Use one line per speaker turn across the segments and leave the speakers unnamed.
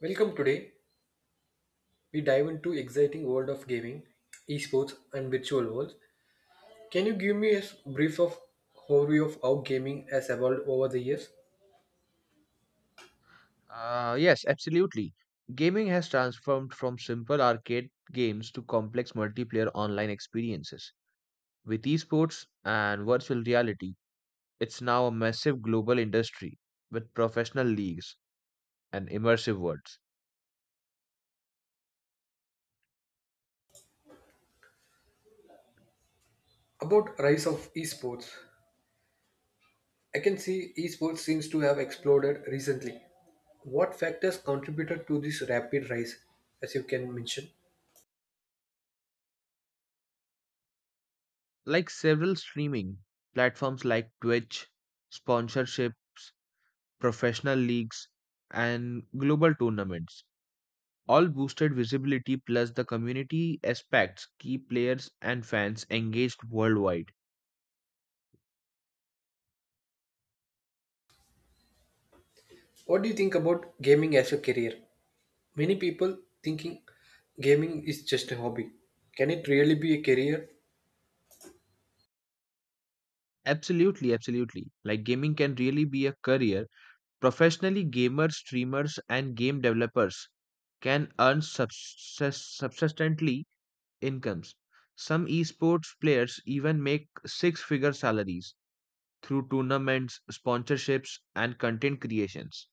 Welcome today. We dive into exciting world of gaming, esports and virtual worlds. Can you give me a brief of overview of how gaming has evolved over the years?
Yes, absolutely. Gaming has transformed from simple arcade games to complex multiplayer online experiences. With esports and virtual reality, it's now a massive global industry with professional leagues and immersive worlds.
About rise of esports. I can see esports seems to have exploded recently. What factors contributed to this rapid rise as you can mention?
Like several streaming platforms like Twitch, sponsorships, professional leagues, and global tournaments. All boosted visibility plus the community aspects keep players and fans engaged worldwide.
What do you think about gaming as a career? Many people thinking gaming is just a hobby. Can it really be a career?
Absolutely, absolutely. Like gaming can really be a career. Professionally, gamers, streamers, and game developers can earn subsistently incomes. Some esports players even make 6 figure salaries through tournaments, sponsorships, and content creations.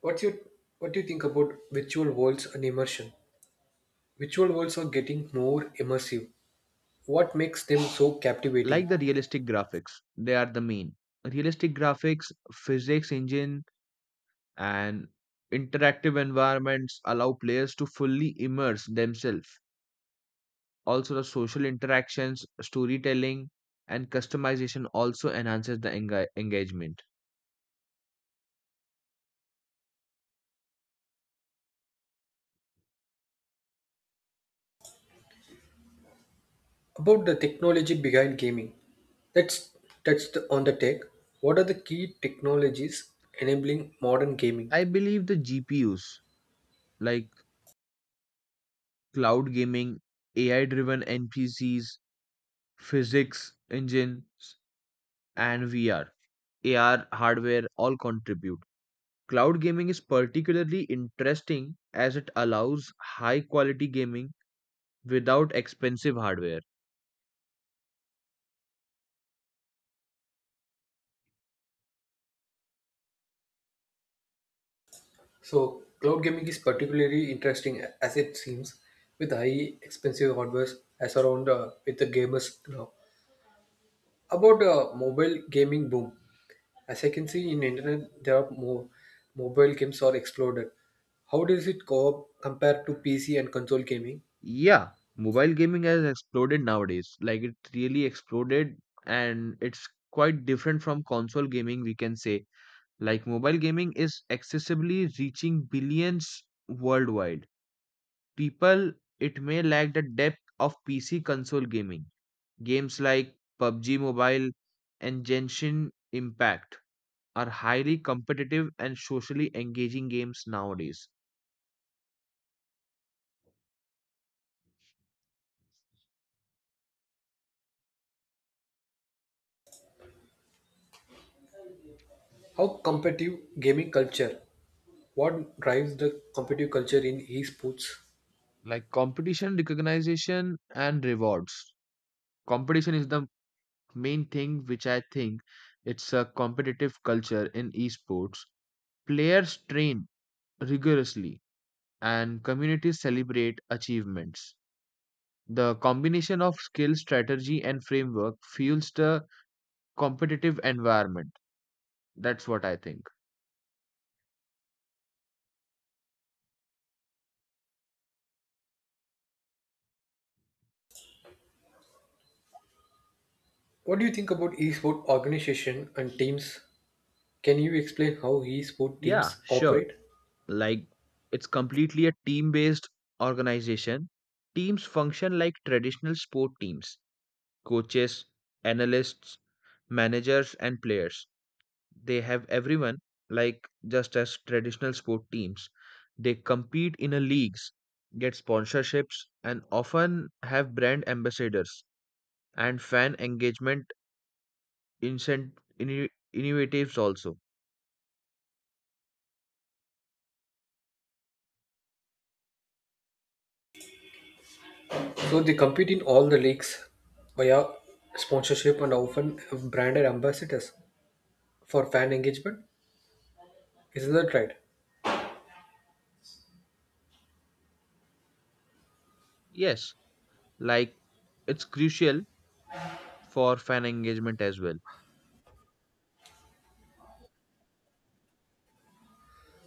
What's your what do you think about virtual worlds and immersion? Virtual worlds are getting more immersive. What makes them so
Like
captivating?
the realistic graphics, they are the main. Realistic graphics, physics engine, and interactive environments allow players to fully immerse themselves. Also, the social interactions, storytelling, and customization also enhances the engagement.
About the technology behind gaming. That's on the tech. What are the key technologies enabling modern gaming?
I believe the GPUs like cloud gaming, AI driven NPCs, physics engines, and VR, AR hardware all contribute. Cloud gaming is particularly interesting as it allows high quality gaming without expensive hardware.
So cloud gaming is particularly interesting as it seems with high expensive hardware as around with the gamers now. About mobile gaming boom. As I can see in internet, there are more mobile games are exploded. How does it compare to PC and console gaming?
Yeah, mobile gaming has exploded nowadays. Like it really exploded and it's quite different from console gaming, we can say. Like mobile gaming is accessibly reaching billions worldwide. People, it may lack the depth of PC console gaming. Games like PUBG Mobile and Genshin Impact are highly competitive and socially engaging games nowadays.
How competitive gaming culture? What drives the competitive culture in esports?
Like competition, recognition, and rewards competition is the main thing which I think it's a competitive culture in esports. Players train rigorously and communities celebrate achievements. The combination of skill, strategy, and framework fuels the competitive environment. That's what I think.
What do you think about esport organization and teams? Can you explain how esport
Yeah,
teams
sure.
operate?
Like, it's completely a team based organization. Teams function like traditional sport teams: coaches, analysts, managers, and players. They have everyone like just as traditional sport teams. They compete in a leagues, get sponsorships, and often have brand ambassadors and fan engagement incent- innovatives also.
So they compete in all the leagues via sponsorship and often have branded ambassadors for fan engagement. Isn't that right?
Yes, like it's crucial for fan engagement as well.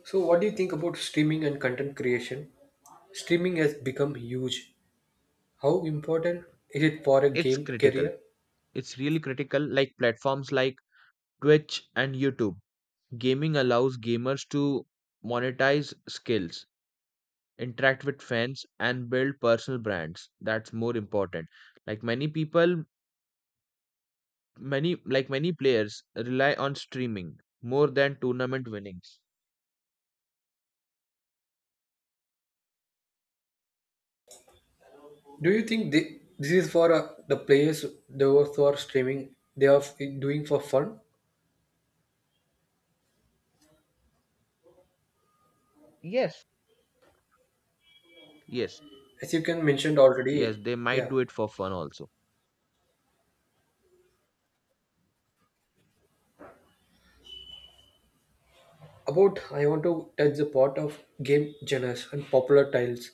So, what do you think about streaming and content creation? Streaming has become huge. How important is it for a
It's
game
critical.
career?
It's really critical. Like platforms like Twitch and YouTube gaming allows gamers to monetize skills, interact with fans, and build personal brands. That's more important. Like many people, many players rely on streaming more than tournament winnings.
Do you think this is for the players, those who are streaming, they are doing for fun?
Yes. Yes.
As you can mentioned
Yes,
already,
they might
yeah.
do it for fun also.
About I want to touch the part of game genres and popular titles.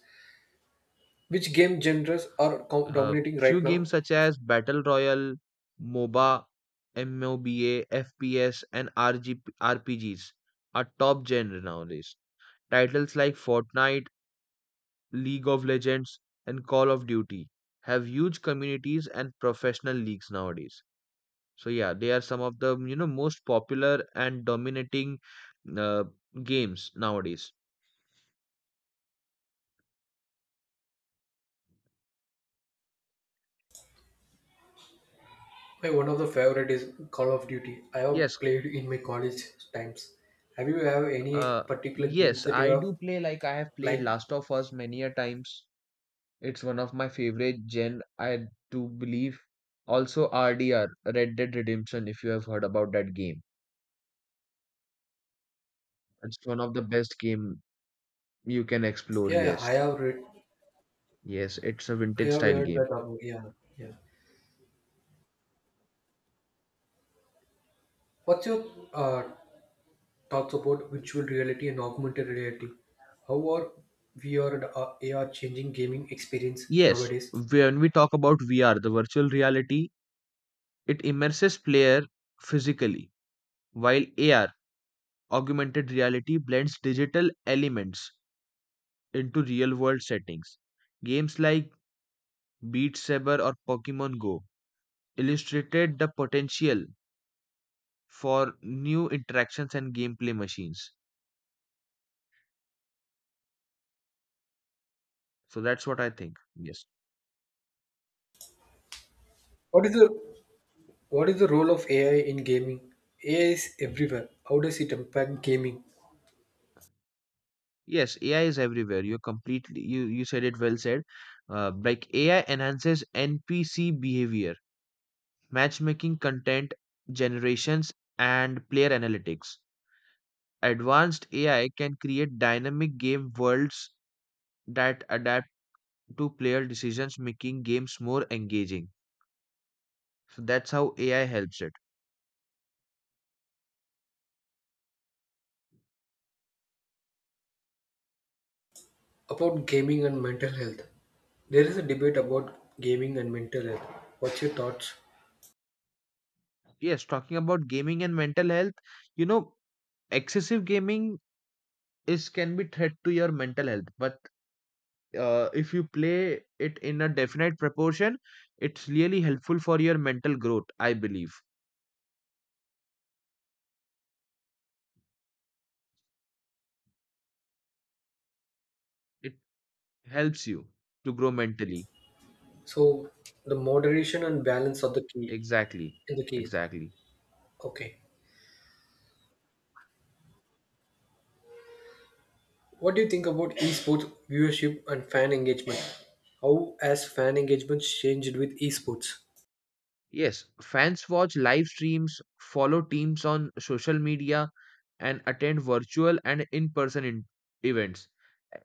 Which game genres are
uh,
dominating
few
right now?
games such as battle royale, moba, fps, and rpgs are top genre nowadays. Titles like Fortnite, League of Legends, and Call of Duty have huge communities and professional leagues nowadays. So yeah, they are some of the most popular and dominating uh, games nowadays.
My one of the favorite is Call of Duty. I
Yes,
have played in my college times. Have you have any
uh,
particular games
yes,
that you
I
have
do play. Like I have played
liked?
Last of Us many a times. It's one of my favorite gen, I do believe. Also RDR, Red Dead Redemption, if you have heard about that game. It's one of the best game you can explore,
Yeah, yeah, I
yes.
have read.
Yes, it's a
I
vintage
have
style
heard that.
game.
Yeah, yeah. What's your uh, Thoughts about virtual reality and augmented reality? How are VR and AR changing gaming experience
Yes,
nowadays?
when we talk about VR, the virtual reality, it immerses player physically, while AR, augmented reality, blends digital elements into real-world settings. Games like Beat Saber or Pokemon Go illustrated the potential for new interactions and gameplay machines. So that's what I think. Yes.
What is the what is the role of AI in gaming? AI is everywhere. How does it impact gaming?
Yes, AI is everywhere. You're completely you said it, well said. Like AI enhances NPC behavior, matchmaking, content generations, and player analytics. Advanced AI can create dynamic game worlds that adapt to player decisions, making games more engaging. So that's how AI helps it.
About gaming and mental health. There is a debate about gaming and mental health. What's your thoughts?
Yes, talking about gaming and mental health, you know, excessive gaming is can be threat to your mental health, but if you play it in a definite proportion, it's really helpful for your mental growth, I believe. It helps you to grow mentally.
So the moderation and balance are the key
Exactly,
in the case.
exactly.
Okay. What do you think about esports viewership and fan engagement? How has fan engagement changed with esports?
Yes, fans watch live streams, follow teams on social media, and attend virtual and in person events. E,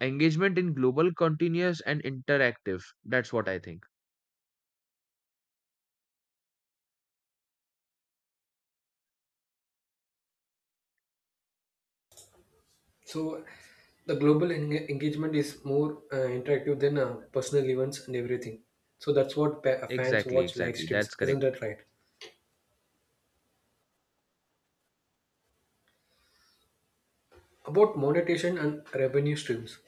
Engagement in global, continuous, and interactive. That's what I think.
So the global engagement is more interactive than personal events and everything. So that's what fans
Exactly,
watch live
exactly. That's
streams, isn't
correct.
that right? About monetization and revenue streams.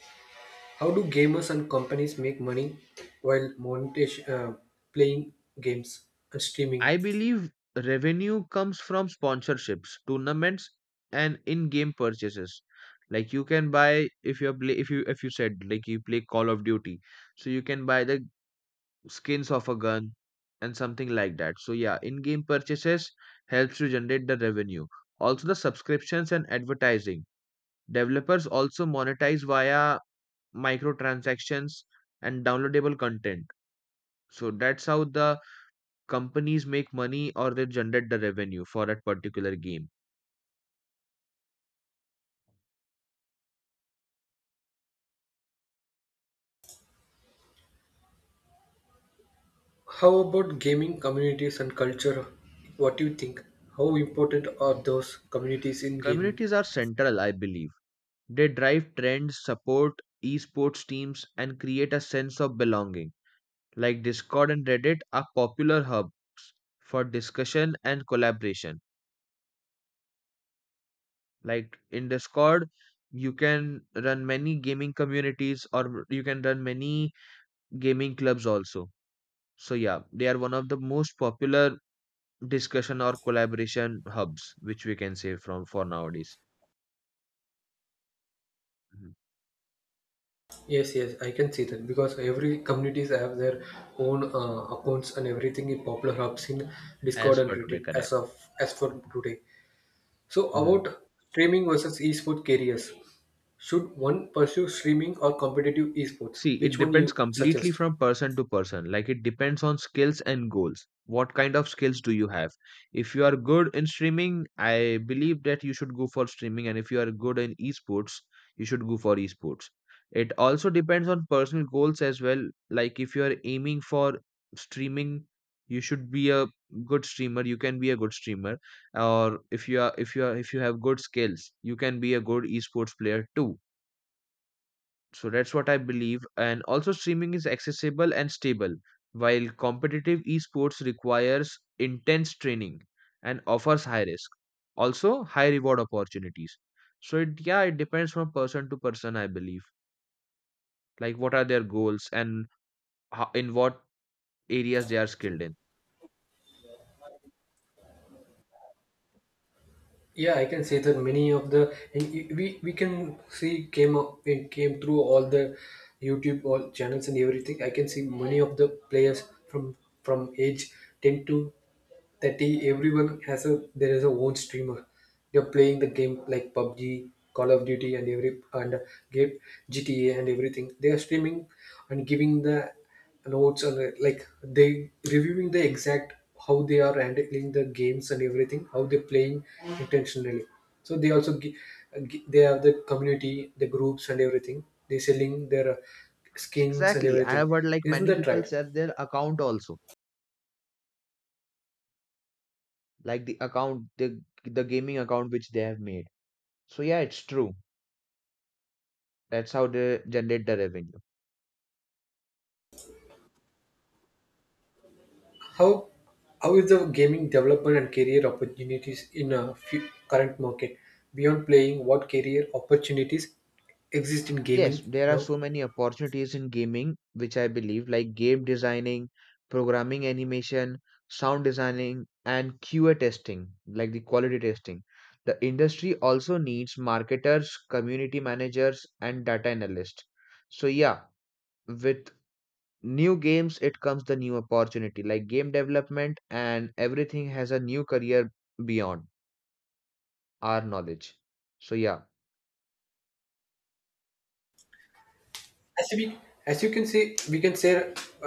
How do gamers and companies make money while monetization, playing games and streaming?
I believe revenue comes from sponsorships, tournaments, and in-game purchases. Like you can buy, if you play, if you said, like you play Call of Duty, so you can buy the skins of a gun and something like that. So yeah, in-game purchases helps to generate the revenue. Also the subscriptions and advertising, developers also monetize via microtransactions and downloadable content. So that's how the companies make money, or they generate the revenue for that particular game.
How about gaming communities and culture? What do you think? How important are those communities in gaming?
Communities are central, I believe. They drive trends, support esports teams, and create a sense of belonging. Like Discord and Reddit are popular hubs for discussion and collaboration. Like in Discord, you can run many gaming communities, or you can run many gaming clubs also. So yeah, they are one of the most popular discussion or collaboration hubs which we can say from for nowadays. Mhm.
Yes, yes, I can see that because every communities have their own accounts and everything in popular hubs in Discord
As
and
per today,
Reddit
correct.
as for today. So
Mhm.
about streaming versus esports careers, should one pursue streaming or competitive esports?
See, it
Which one
depends
you
completely
suggest?
from person to person. Like it depends on skills and goals. What kind of skills do you have? If you are good in streaming, I believe that you should go for streaming. And if you are good in esports, you should go for esports. It also depends on personal goals as well. Like if you are aiming for streaming, you should be a good streamer. You can be a good streamer. Or if you are, if you are, if you have good skills, you can be a good esports player too. So that's what I believe. And also, streaming is accessible and stable, while competitive esports requires intense training and offers high risk, also high reward opportunities. So it, yeah, it depends from person to person, I believe. Like what are their goals and how, in what areas they are skilled in.
Yeah, I can say that many of the and y- we can see came up and came through all the YouTube all channels and everything. I can see many of the players from age 10 to that he everyone has a there is a own streamer. They're playing the game like PUBG, Call of Duty and every and game, GTA and everything. They are streaming and giving the notes and like they reviewing the exact how they are handling the games and everything, how they're playing intentionally. So they also they have the community, the groups and everything, they selling their skins and
Exactly. I
everything,
have heard like
isn't
many
that
people
right?
sell their account also, like the account, the gaming account which they have made. So yeah, it's true. That's how they generate the revenue.
How how is the gaming development and career opportunities in a current market beyond playing? What career opportunities exist in
Yes,
gaming
there are
now?
so many opportunities in gaming, which I believe, like game designing, programming animation, sound designing, and QA testing, like the quality testing. The industry also needs marketers, community managers, and data analysts. So, yeah, with new games, it comes the new opportunity, like game development, and everything has a new career beyond our knowledge. So, yeah,
As we as you can see, we can say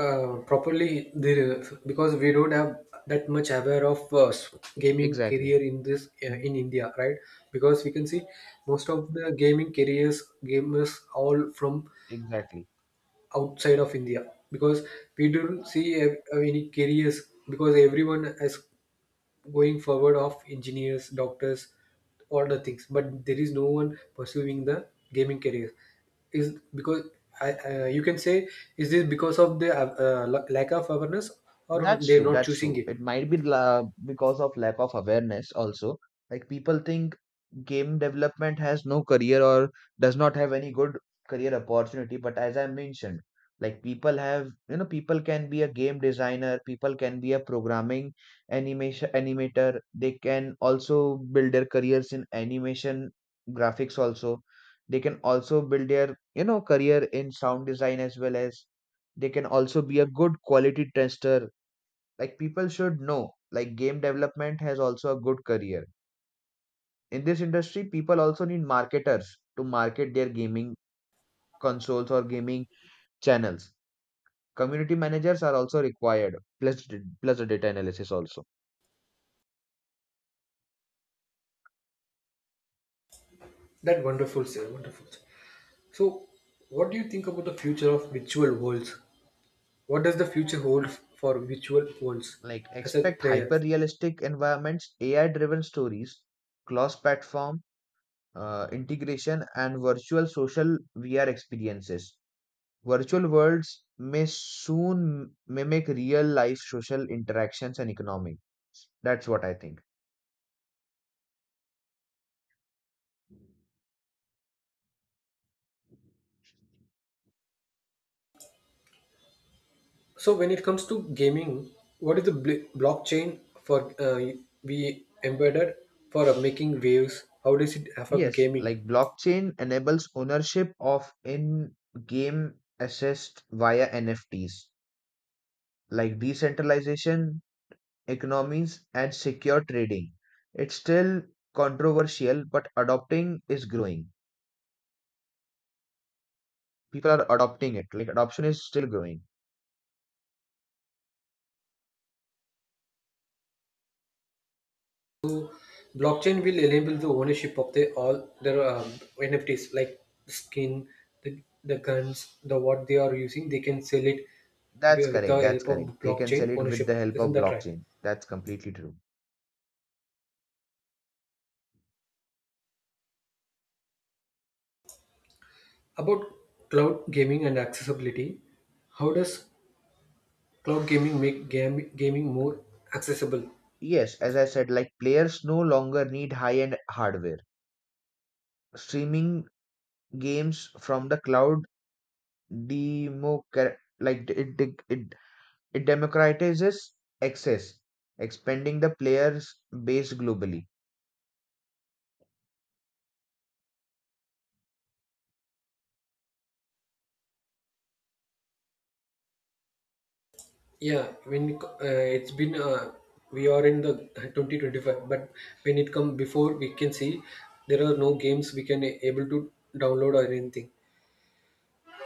properly the because we don't have that much aware of gaming
exactly.
career in this
Mhm.
in India, right? Because we can see most of the gaming careers gamers all from
Exactly.
outside of India, because we don't see a any careers, because everyone is going forward of engineers, doctors, all the things, but there is no one pursuing the gaming career. Is because you can say, is this because of the lack of awareness or
That's
they're
true.
not
That's
choosing
true.
it?
It might be because of lack of awareness also. Like people think game development has no career, or does not have any good career opportunity. But as I mentioned, like people have, people can be a game designer, people can be a programming animation animator. They can also build their careers in animation graphics also. They can also build their, career in sound design, as well as they can also be a good quality tester. Like people should know, like game development has also a good career in this industry. People also need marketers to market their gaming consoles or gaming channels. Community managers are also required, plus plus the data analysis also.
That wonderful, sir. Wonderful. So, what do you think about the future of virtual worlds? What does the future hold for virtual worlds
Like
as a
expect
player?
hyper realistic environments, AI driven stories, cross platform integration, and virtual social VR experiences. Virtual worlds may soon mimic real life social interactions and economy. That's what I think.
So when it comes to gaming, what is the blockchain for we embedded for making waves? How does it affect
Yes,
gaming?
like blockchain enables ownership of in game assets via NFTs, like decentralization, economies, and secure trading. It's still controversial, but adopting is growing. People are adopting it. Like adoption is still growing.
So blockchain will enable the ownership of the all their NFTs like skin, the guns, the what they are using. They can sell it
That's
with
correct.
the
That's
help
correct.
of
They can sell
blockchain
it with the
ownership.
help
Isn't
of
that right?
blockchain. That's completely true.
About cloud gaming and accessibility, how does cloud gaming make game, gaming more accessible?
Yes, as I said, like players no longer need high end hardware. Streaming games from the cloud demo, like it democratizes access, expanding the players base globally.
Yeah, when it it's been we are in the 2025, but when it come before, we can see there are no games we can able to download or anything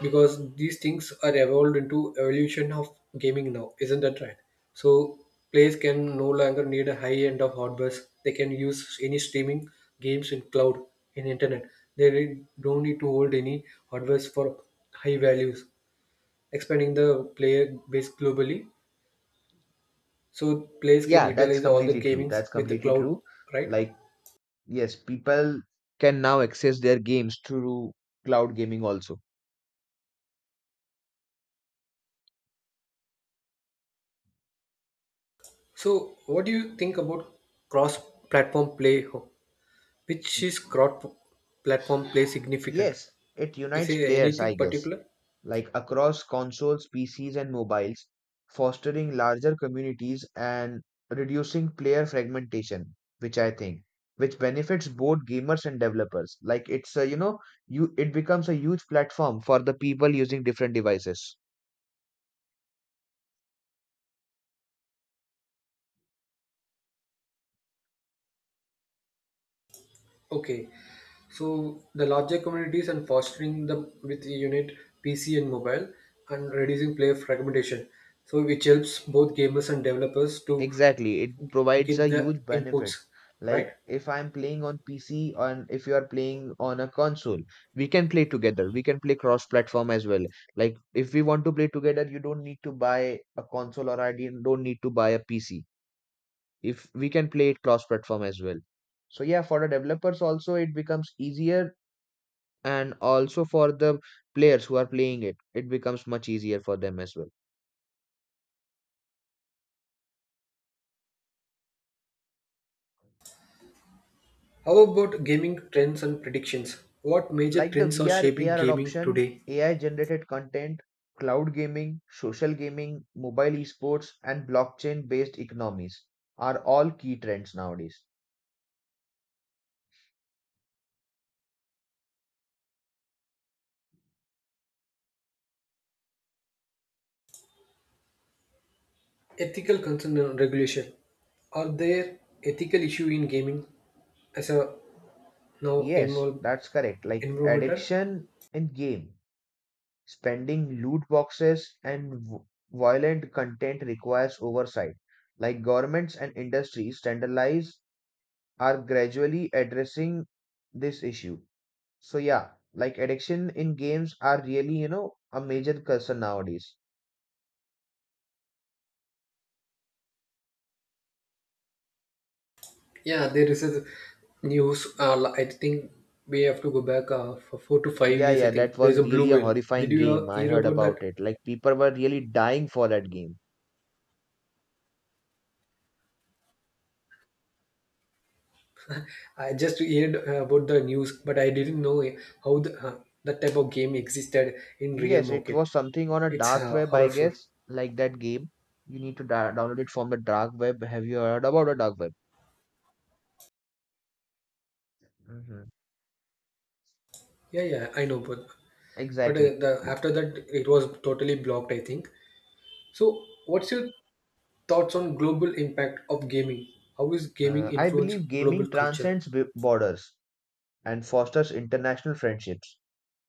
because these things are evolved into evolution of gaming now, isn't that right? So players can no longer need a high end of hardware. They can use any streaming games in cloud in internet. They don't need to hold any hardware for high values, expanding the player base globally. So players can
Yeah, that's
utilize all the
completely true.
gamings
That's
with the
completely
cloud,
true.
right?
Like yes, people can now access their games through cloud gaming also.
So what do you think about cross-platform play? Which is cross-platform play significant?
Yes, it
Is
unites
there
players, I
anything
guess.
particular?
Like across consoles, PCs, and mobiles, fostering larger communities and reducing player fragmentation, which I think, which benefits both gamers and developers. Like it's a, you it becomes a huge platform for the people using different devices.
Okay, so the larger communities and fostering the with the unit PC and mobile and reducing player fragmentation. So which helps both gamers and developers to
Exactly, it provides a
get the
huge
inputs,
benefits. Like
right?
if I'm playing on PC and if you are playing on a console, we can play together. We can play cross-platform as well. Like if we want to play together, you don't need to buy a console, or I don't need to buy a PC. If we can play it cross-platform as well. So yeah, for the developers also it becomes easier, and also for the players who are playing it, it becomes much easier for them as well.
How about gaming trends and predictions? What major
Like the
trends are
VR
shaping
AR
gaming
adoption,
today?
AI generated content, cloud gaming, social gaming, mobile esports, and blockchain based economies are all key trends nowadays.
Ethical concern and regulation. Are there ethical issue in gaming as a now
Yes, that's correct. Like
environmental?
addiction in game, spending loot boxes, and violent content requires oversight. Like governments and industries standardize are gradually addressing this issue. So yeah, like addiction in games are really, a major concern nowadays.
Yeah, there is a news. I think we have to go back for four to five
Yeah,
years.
yeah,
I
that
think
was
there's a
really
blue
a
whale.
horrifying
Did you
game. I
hear
heard
about
about
that?
it. Like people were really dying for that game.
I just heard about the news, but I didn't know how that type of game existed in real
Yes, it
market.
was something on a
It's
dark web, I
horrible.
guess, like that game. You need to da download it from the dark web. Have you heard about the dark web? Hmm.
Yeah, yeah, I know, but
Exactly,
the
exactly.
after that it was totally blocked, I think. So, what's your thoughts on global impact of gaming? How is gaming
I
influence
believe gaming
global culture?
transcends b borders and fosters international friendships,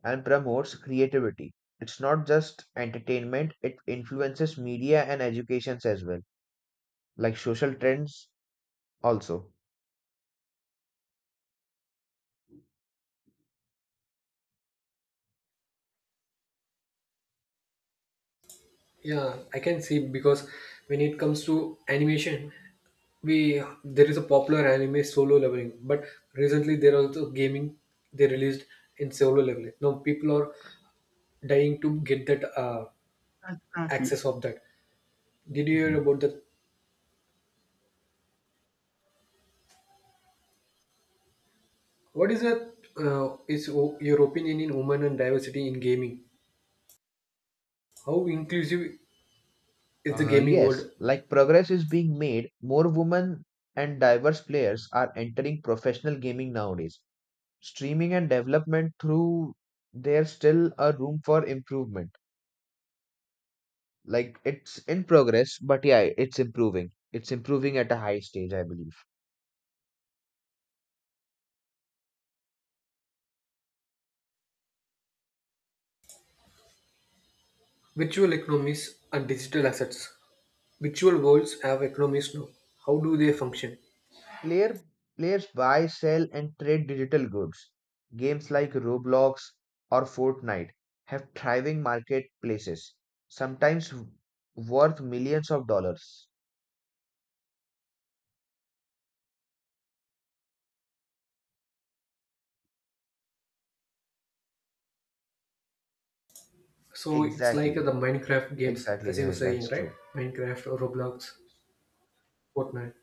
and promotes creativity. It's not just entertainment, it influences media and educations as well, like social trends also.
Yeah, I can see because when it comes to animation, we there is a popular anime solo leveling, but recently there are also gaming they released in solo leveling. Now people are dying to get that
Exactly.
access of that. Did you hear
Mhm.
about that? What is a, your opinion in women and diversity in gaming? How inclusive is the
Uh,
gaming
yes,
world?
like progress is being made, more women and diverse players are entering professional gaming nowadays. Streaming and development through, there's still a room for improvement. Like it's in progress, but yeah, it's improving. It's improving at a high stage, I believe.
Virtual economies and digital assets. Virtual worlds have economies now. How do they function?
Player, players buy, sell, and trade digital goods. Games like Roblox or Fortnite have thriving marketplaces, sometimes worth millions of dollars.
So it's like the
Exactly,
Minecraft games,
exactly,
as you were
exactly,
saying,
that's
right?
true.
Minecraft Roblox, Fortnite.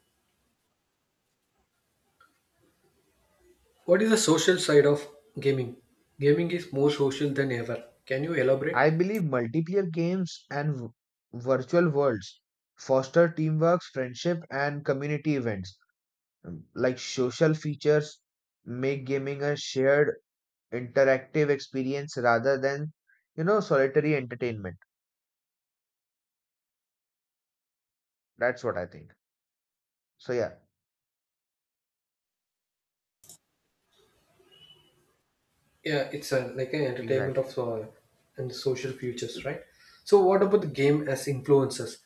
What is the social side of gaming? Gaming is more social than ever. Can you elaborate?
I believe multiplayer games and virtual worlds foster teamwork, friendship, and community events. Like social features make gaming a shared interactive experience rather than, you know, solitary entertainment. That's what I think. So yeah.
Yeah, it's a, like an entertainment
Exactly.
of and social futures, right? So what about the game as influences?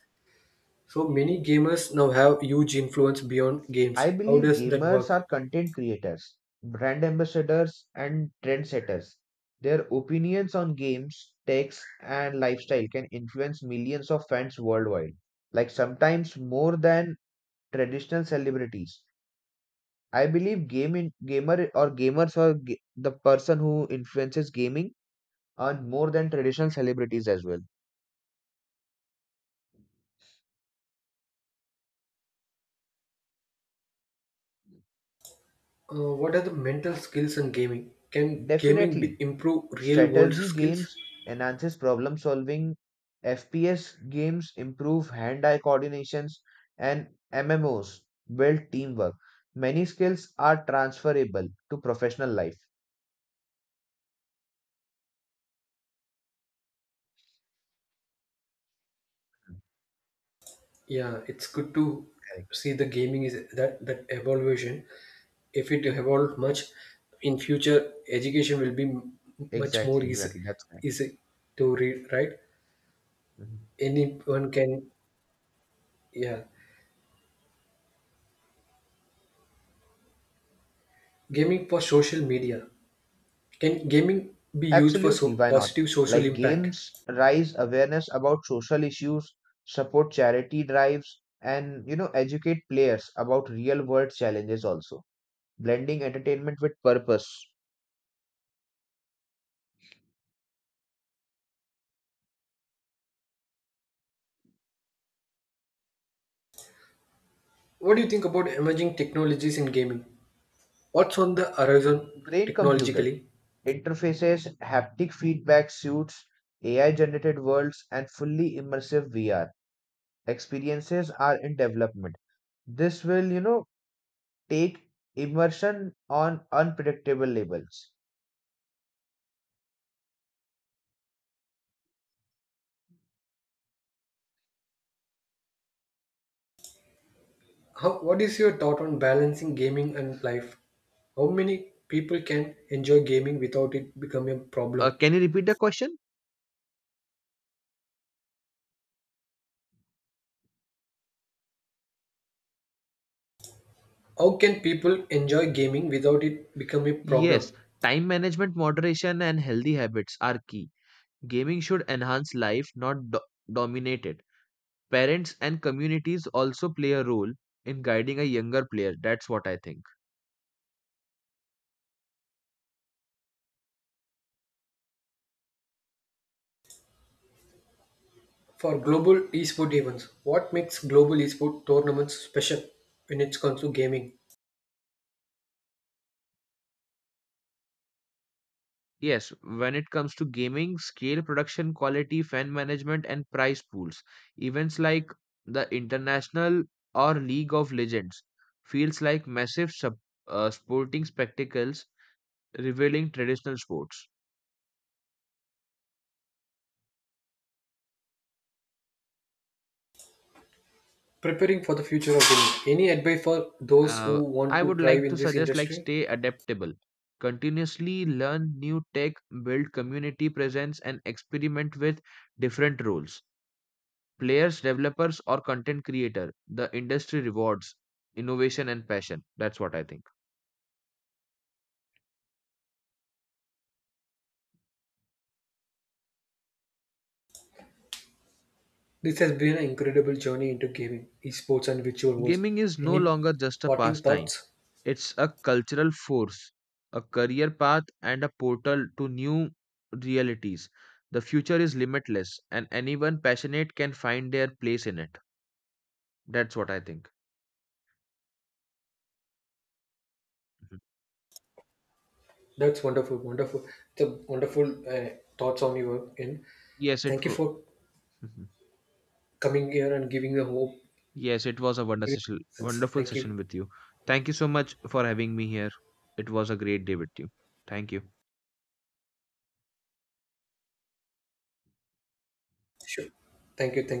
So many gamers now have huge influence beyond
I
games. How
believe
does that
gamers
work?
are content creators, brand ambassadors, and trendsetters. Their opinions on games, techs, and lifestyle can influence millions of fans worldwide, like sometimes more than traditional celebrities. I believe game in gamer, or gamers, are the person who influences gaming, earn more than traditional celebrities as well.
What are the mental skills in gaming? Can gaming be,
Definitely,
improve real world
strategy
skills?
games enhances problem solving, FPS games improve hand-eye coordinations, and MMOs build teamwork. Many skills are transferable to professional life.
Yeah, it's good to
Correct.
see the gaming is that evolution. If it evolved much, in future education will be much more
Exactly,
easy
exactly. That's correct.
easy to read. Right?
Mhm.
Anyone can. Yeah, gaming for social media. Can gaming be used for
Absolutely,
so
why not?
positive social
Like
impact?
games raise awareness about social issues, support charity drives, and, you know, educate players about real world challenges also, blending entertainment with purpose.
What do you think about emerging technologies in gaming? What's on the horizon
Brain computer
technologically?
interfaces, haptic feedback suits, AI generated worlds, and fully immersive VR experiences are in development. This will, you know, take immersion on unpredictable levels.
How, what is your thought on balancing gaming and life? How many people can enjoy gaming without it becoming a
Uh,
problem?
can you repeat the question?
How can people enjoy gaming without it becoming a
Yes,
problem?
time management, moderation, and healthy habits are key. Gaming should enhance life, not dominate it. Parents and communities also play a role in guiding a younger player. That's what I think.
For global esport events, what makes global esport tournaments special when it comes to gaming?
Yes, when it comes to gaming, scale, production quality, fan management, and prize pools, events like the International or League of Legends feels like massive sporting spectacles revealing traditional sports.
Preparing for the future of gaming. Any advice for those
Uh,
who want
I
to
would
thrive
like
in
to
this
suggest, like
industry?
stay adaptable, continuously learn new tech, build community presence, and experiment with different roles: players, developers, or content creator. The industry rewards innovation and passion. That's what I think.
This has been an incredible journey into gaming, esports, and virtual worlds.
Gaming is no
Any
longer just a
parting
pastime,
thoughts?
it's a cultural force, a career path, and a portal to new realities. The future is limitless, and anyone passionate can find their place in it. That's what I think. Mhm.
That's wonderful, wonderful. It's a wonderful thoughts on your end.
Yes, it
Thank you
w-
for
Mhm.
coming here and giving the hope.
Yes, it was a
Giving sense.
wonderful
Thank
session
you.
with you. Thank you so much for having me here. It was a great day with you. Thank you.
Sure. Thank you. Thank